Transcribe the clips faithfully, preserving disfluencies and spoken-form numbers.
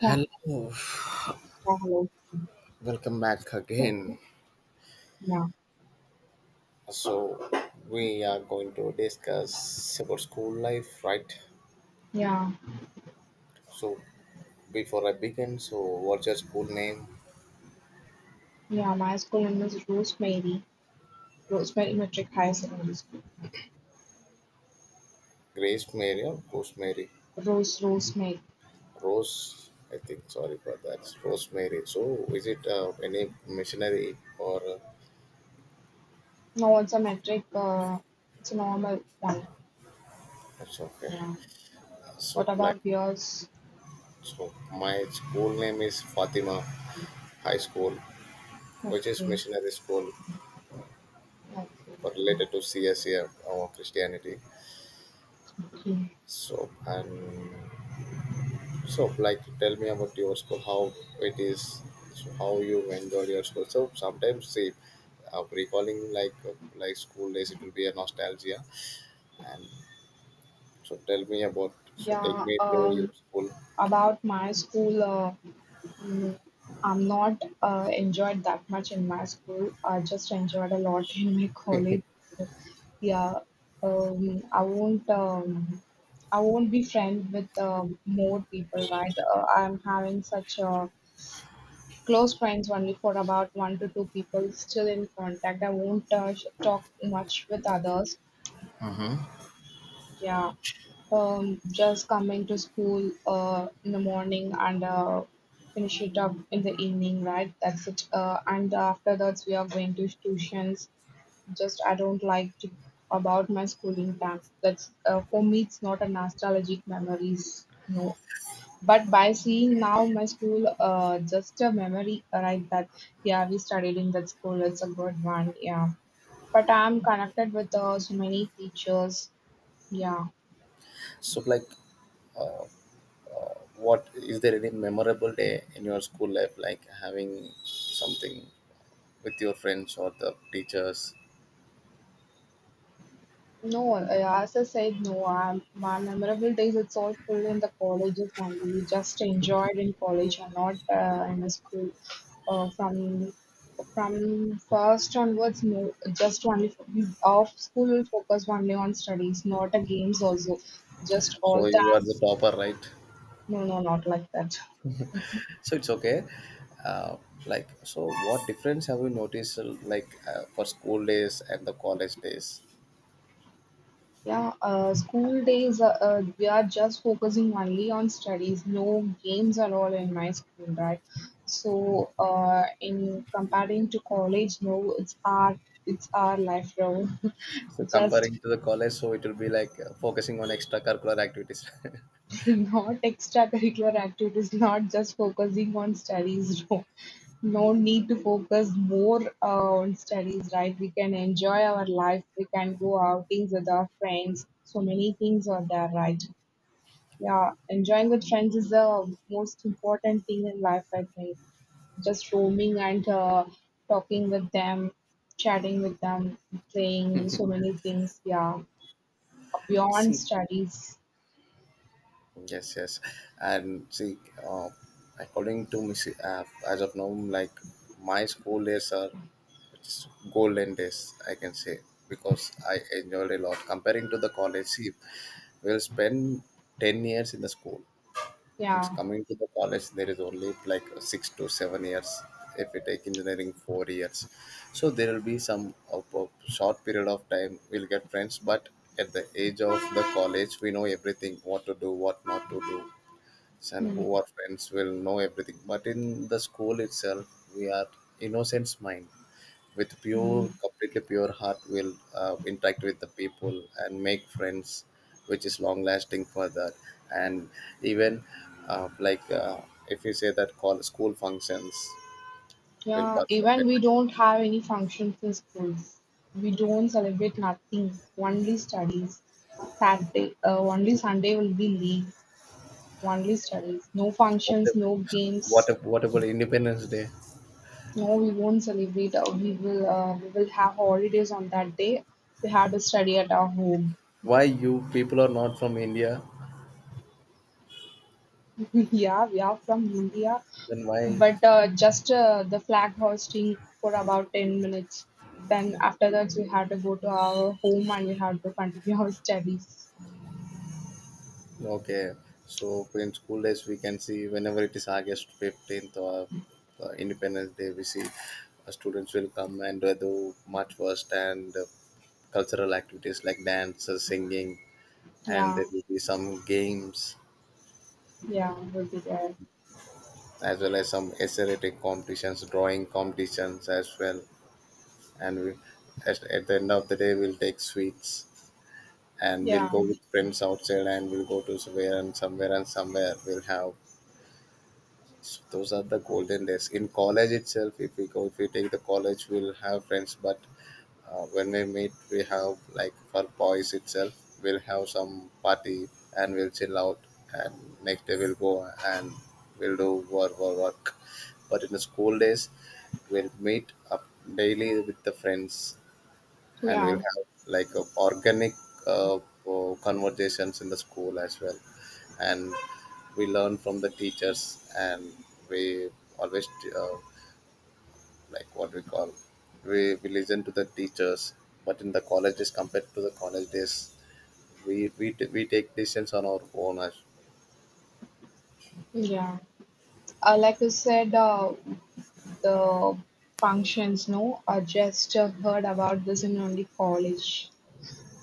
Yeah, yeah, hello. welcome back again. Yeah, So, we are going to discuss about school life, right? yeah, So, before I begin, so what's your school name? yeah. My school name is Rosemary. Rosemary Metric High Secondary School. Grace Mary or Rosemary? Rose, Rosemary. Rose, I think, sorry for that. Rosemary. So, is it uh, any missionary or uh, No, it's a metric. Uh, it's a normal one. it's okay? Yeah. What So, like, about yours? so my school name is Fatima High School, which is Okay. missionary school but Okay. related to C S or Christianity. Okay. So and so, like, tell me about your school, how it is, so how you enjoyed your school. So sometimes, see, uh, recalling like uh, like school days, it will be a nostalgia. And so, tell me about. So take Yeah. me to your Um. school. About my school. Uh, mm, I'm not uh, enjoyed that much in my school. I just enjoyed a lot in my college. Yeah. Um. I won't. Um, I won't be friend with uh, more people, right? Uh, I'm having such uh, close friends only for about one to two people still in contact. I won't uh, sh- talk much with others. Yeah, um, just coming to school uh, in the morning and uh, finish it up in the evening, right? That's it. Uh, and after that, we are going to tuitions. Just I don't like to about my schooling time. That's uh, for me. It's not a nostalgic memories. No. But by seeing now my school uh, just a memory, right? That yeah, we studied in that school. It's a good one, yeah. But I'm connected with uh, so many teachers, yeah. So like, uh, what is there any memorable day in your school life, like having something with your friends or the teachers? No, uh, as I said, no. i my memorable days. It's all full in the colleges only. We just enjoyed in college and not uh, in the school. Uh, from from first onwards, no, just only f- we off school will focus only on studies, not a games also just So all. you are the topper, right? No, no, not like that. So it's okay, uh, like so what difference have you noticed uh, like uh, for school days and the college days? Yeah, uh, school days, uh, uh, we are just focusing only on studies. No games at all in my school, right? So, uh, in comparing to college, no, it's our it's our life now. So Just comparing to the college so it will be like uh, focusing on extracurricular activities. not extracurricular activities, not just focusing on studies. No, no need to focus more uh, on studies, right? We can enjoy our life. We can go outings with our friends. So many things are there, right? Yeah, enjoying with friends is the most important thing in life, I think. Just roaming and uh, talking with them, chatting with them, playing so many things. Yeah, beyond See, studies. yes, yes, and see, uh, according to me see, uh, as of now, like my school days are just golden days, I can say, because I enjoyed a lot comparing to the college. See, we'll spend ten years in the school. And Yeah, coming to the college, there is only like six to seven years. If we take engineering, four years. So there will be some of a short period of time we'll get friends. But at the age of the college, we know everything: what to do, what not to do, and who are friends will know everything. But in the school itself, we are innocence mind with pure, mhm, completely pure heart will uh, interact with the people and make friends, which is long lasting for that. And even, uh, like uh, if you say that call school functions, will yeah. perform it. Even we don't have any functions in schools. We don't celebrate nothing. Only studies. Saturday, uh, only Sunday will be leave. Only studies. No What functions, if, no what games. if, what about independence day? No, we won't celebrate. Uh, we will uh, we will have holidays on that day. We had to study at our home. Why you people are not from india? Yeah, we are from India, Then why? but uh, just uh, the flag hoisting for about ten minutes. Then after that, we had to go to our home and we had to continue our studies. Okay, so in school days we can see whenever it is August fifteenth or uh, Independence Day, we see uh, students will come and uh, do march first and uh, cultural activities like dance, uh, singing, and Yeah, there will be some games, yeah, we'll be there. as well as some essay writing competitions, drawing competitions as well. And we, at, at the end of the day, we'll take sweets and we'll Yeah, go with friends outside and we'll go to somewhere and somewhere and somewhere. We'll have. So those are the golden days. In college itself, if we go, if we take the college, we'll have friends. But uh, when we meet, we have like for boys itself, we'll have some party and we'll chill out. And next day we'll go and we'll do work, work, work. But in the school days, we'll meet up daily with the friends, and we'll yeah, have like a organic, uh, uh, conversations in the school as well, and we learn from the teachers, and we always, uh, like what we call we, we listen to the teachers, but in the colleges, compared to the college days, we we, t- we take decisions on our own. as yeah. Uh, like you said, uh, the functions, no, I just uh, heard about this in only college.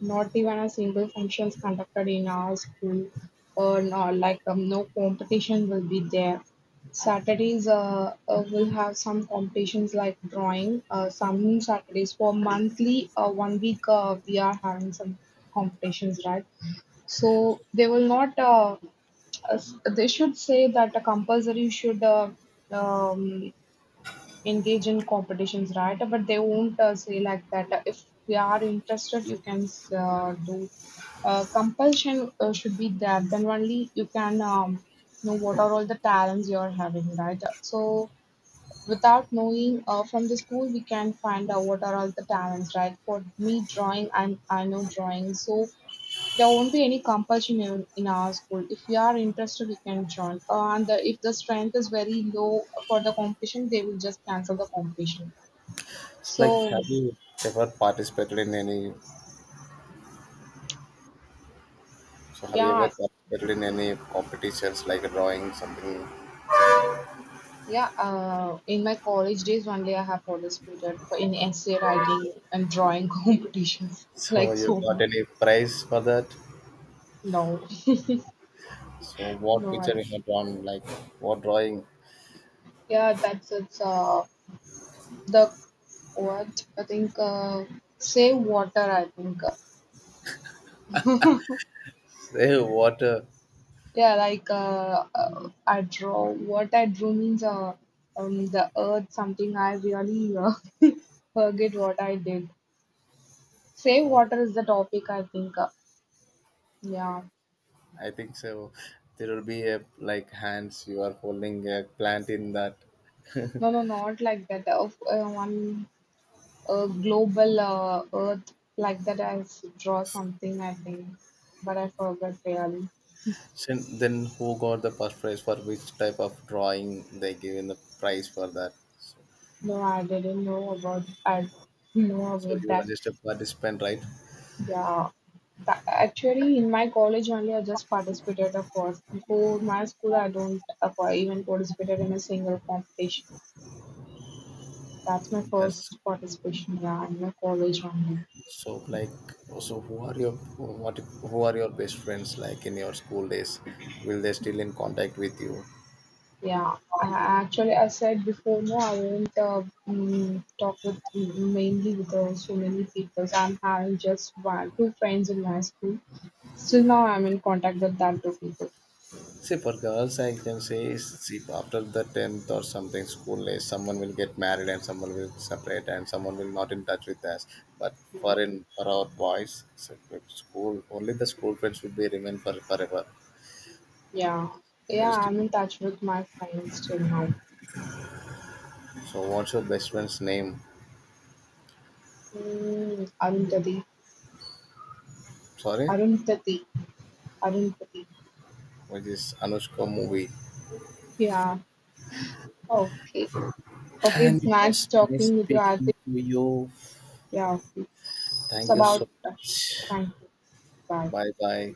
Not even a single function is conducted in our school, or no, like um, no competition will be there. Saturdays uh, uh, will have some competitions like drawing. Uh, some Saturdays for monthly, uh, one week uh, we are having some competitions, right? So they will not. Uh, uh, they should say that a compulsory should uh, um, engage in competitions, right? But they won't uh, say like that. Uh, If we are interested, you can uh, do. Uh, compulsion uh, should be there. Then only you can um, know what are all the talents you are having, right? So without knowing uh, from the school, we can find out what are all the talents, right? For me, drawing, I I know drawing, so there won't be any compulsion in, in our school. If you are interested, you can join. Uh, and the, if the strength is very low for the competition, they will just cancel the competition. so like So have you ever participated in any, so have you ever yeah, participated in any competitions like drawing something, yeah. Uh, in my college days, only I have participated for in essay writing and drawing competitions. so Like you so, got any prize for that? no, So what no. I, picture you have drawn, like what drawing? yeah, that's it's uh the what I think uh save water. I think. Say water. Yeah, like uh, uh, I draw. What I drew means uh, um, the earth, something I really uh, forget what I did. Save Okay. water is the topic, I think. Uh, yeah. I think so. There will be a like hands you are holding a plant in that. No, no, not like that. Uh, f- uh, one uh, global uh, earth, like that, I s- draw something, I think. But I forgot really. So then who got the first prize? For which type of drawing they given the prize for that? So, No, I didn't know about I know so about you are that. just a participant, right? Yeah, tha- actually, in my college only, I just participated of course. Before my school, I don't uh, pa- even participated in a single competition. That's my first That's, participation. Yeah, in my college only. so like, so who are your what who are your best friends like in your school days? Will they still in contact with you? Yeah, I, I- actually, I said before, no, I won't uh, mm, talk with mm, mainly with uh, so many people. I'm having just one, two friends in my school. Still now, I'm in contact with that two people. See, for girls, I can say, is, see, after the tenth or something school age, someone will get married and someone will separate and someone will not in touch with us. But for, in for our boys, so with school only, the school friends will be remain for forever. Yeah, yeah, Yes. I'm in touch with my friends till now. So, what's your best friend's name? Mm, Arundhati. Sorry, Arundhati, Arundhati. which is Anushka movie. Yeah. Okay. Okay. And It's it nice was nice talking with you, Arti. speaking to you. Yeah. It's Thank you about. so. Thank you. Bye. Bye bye.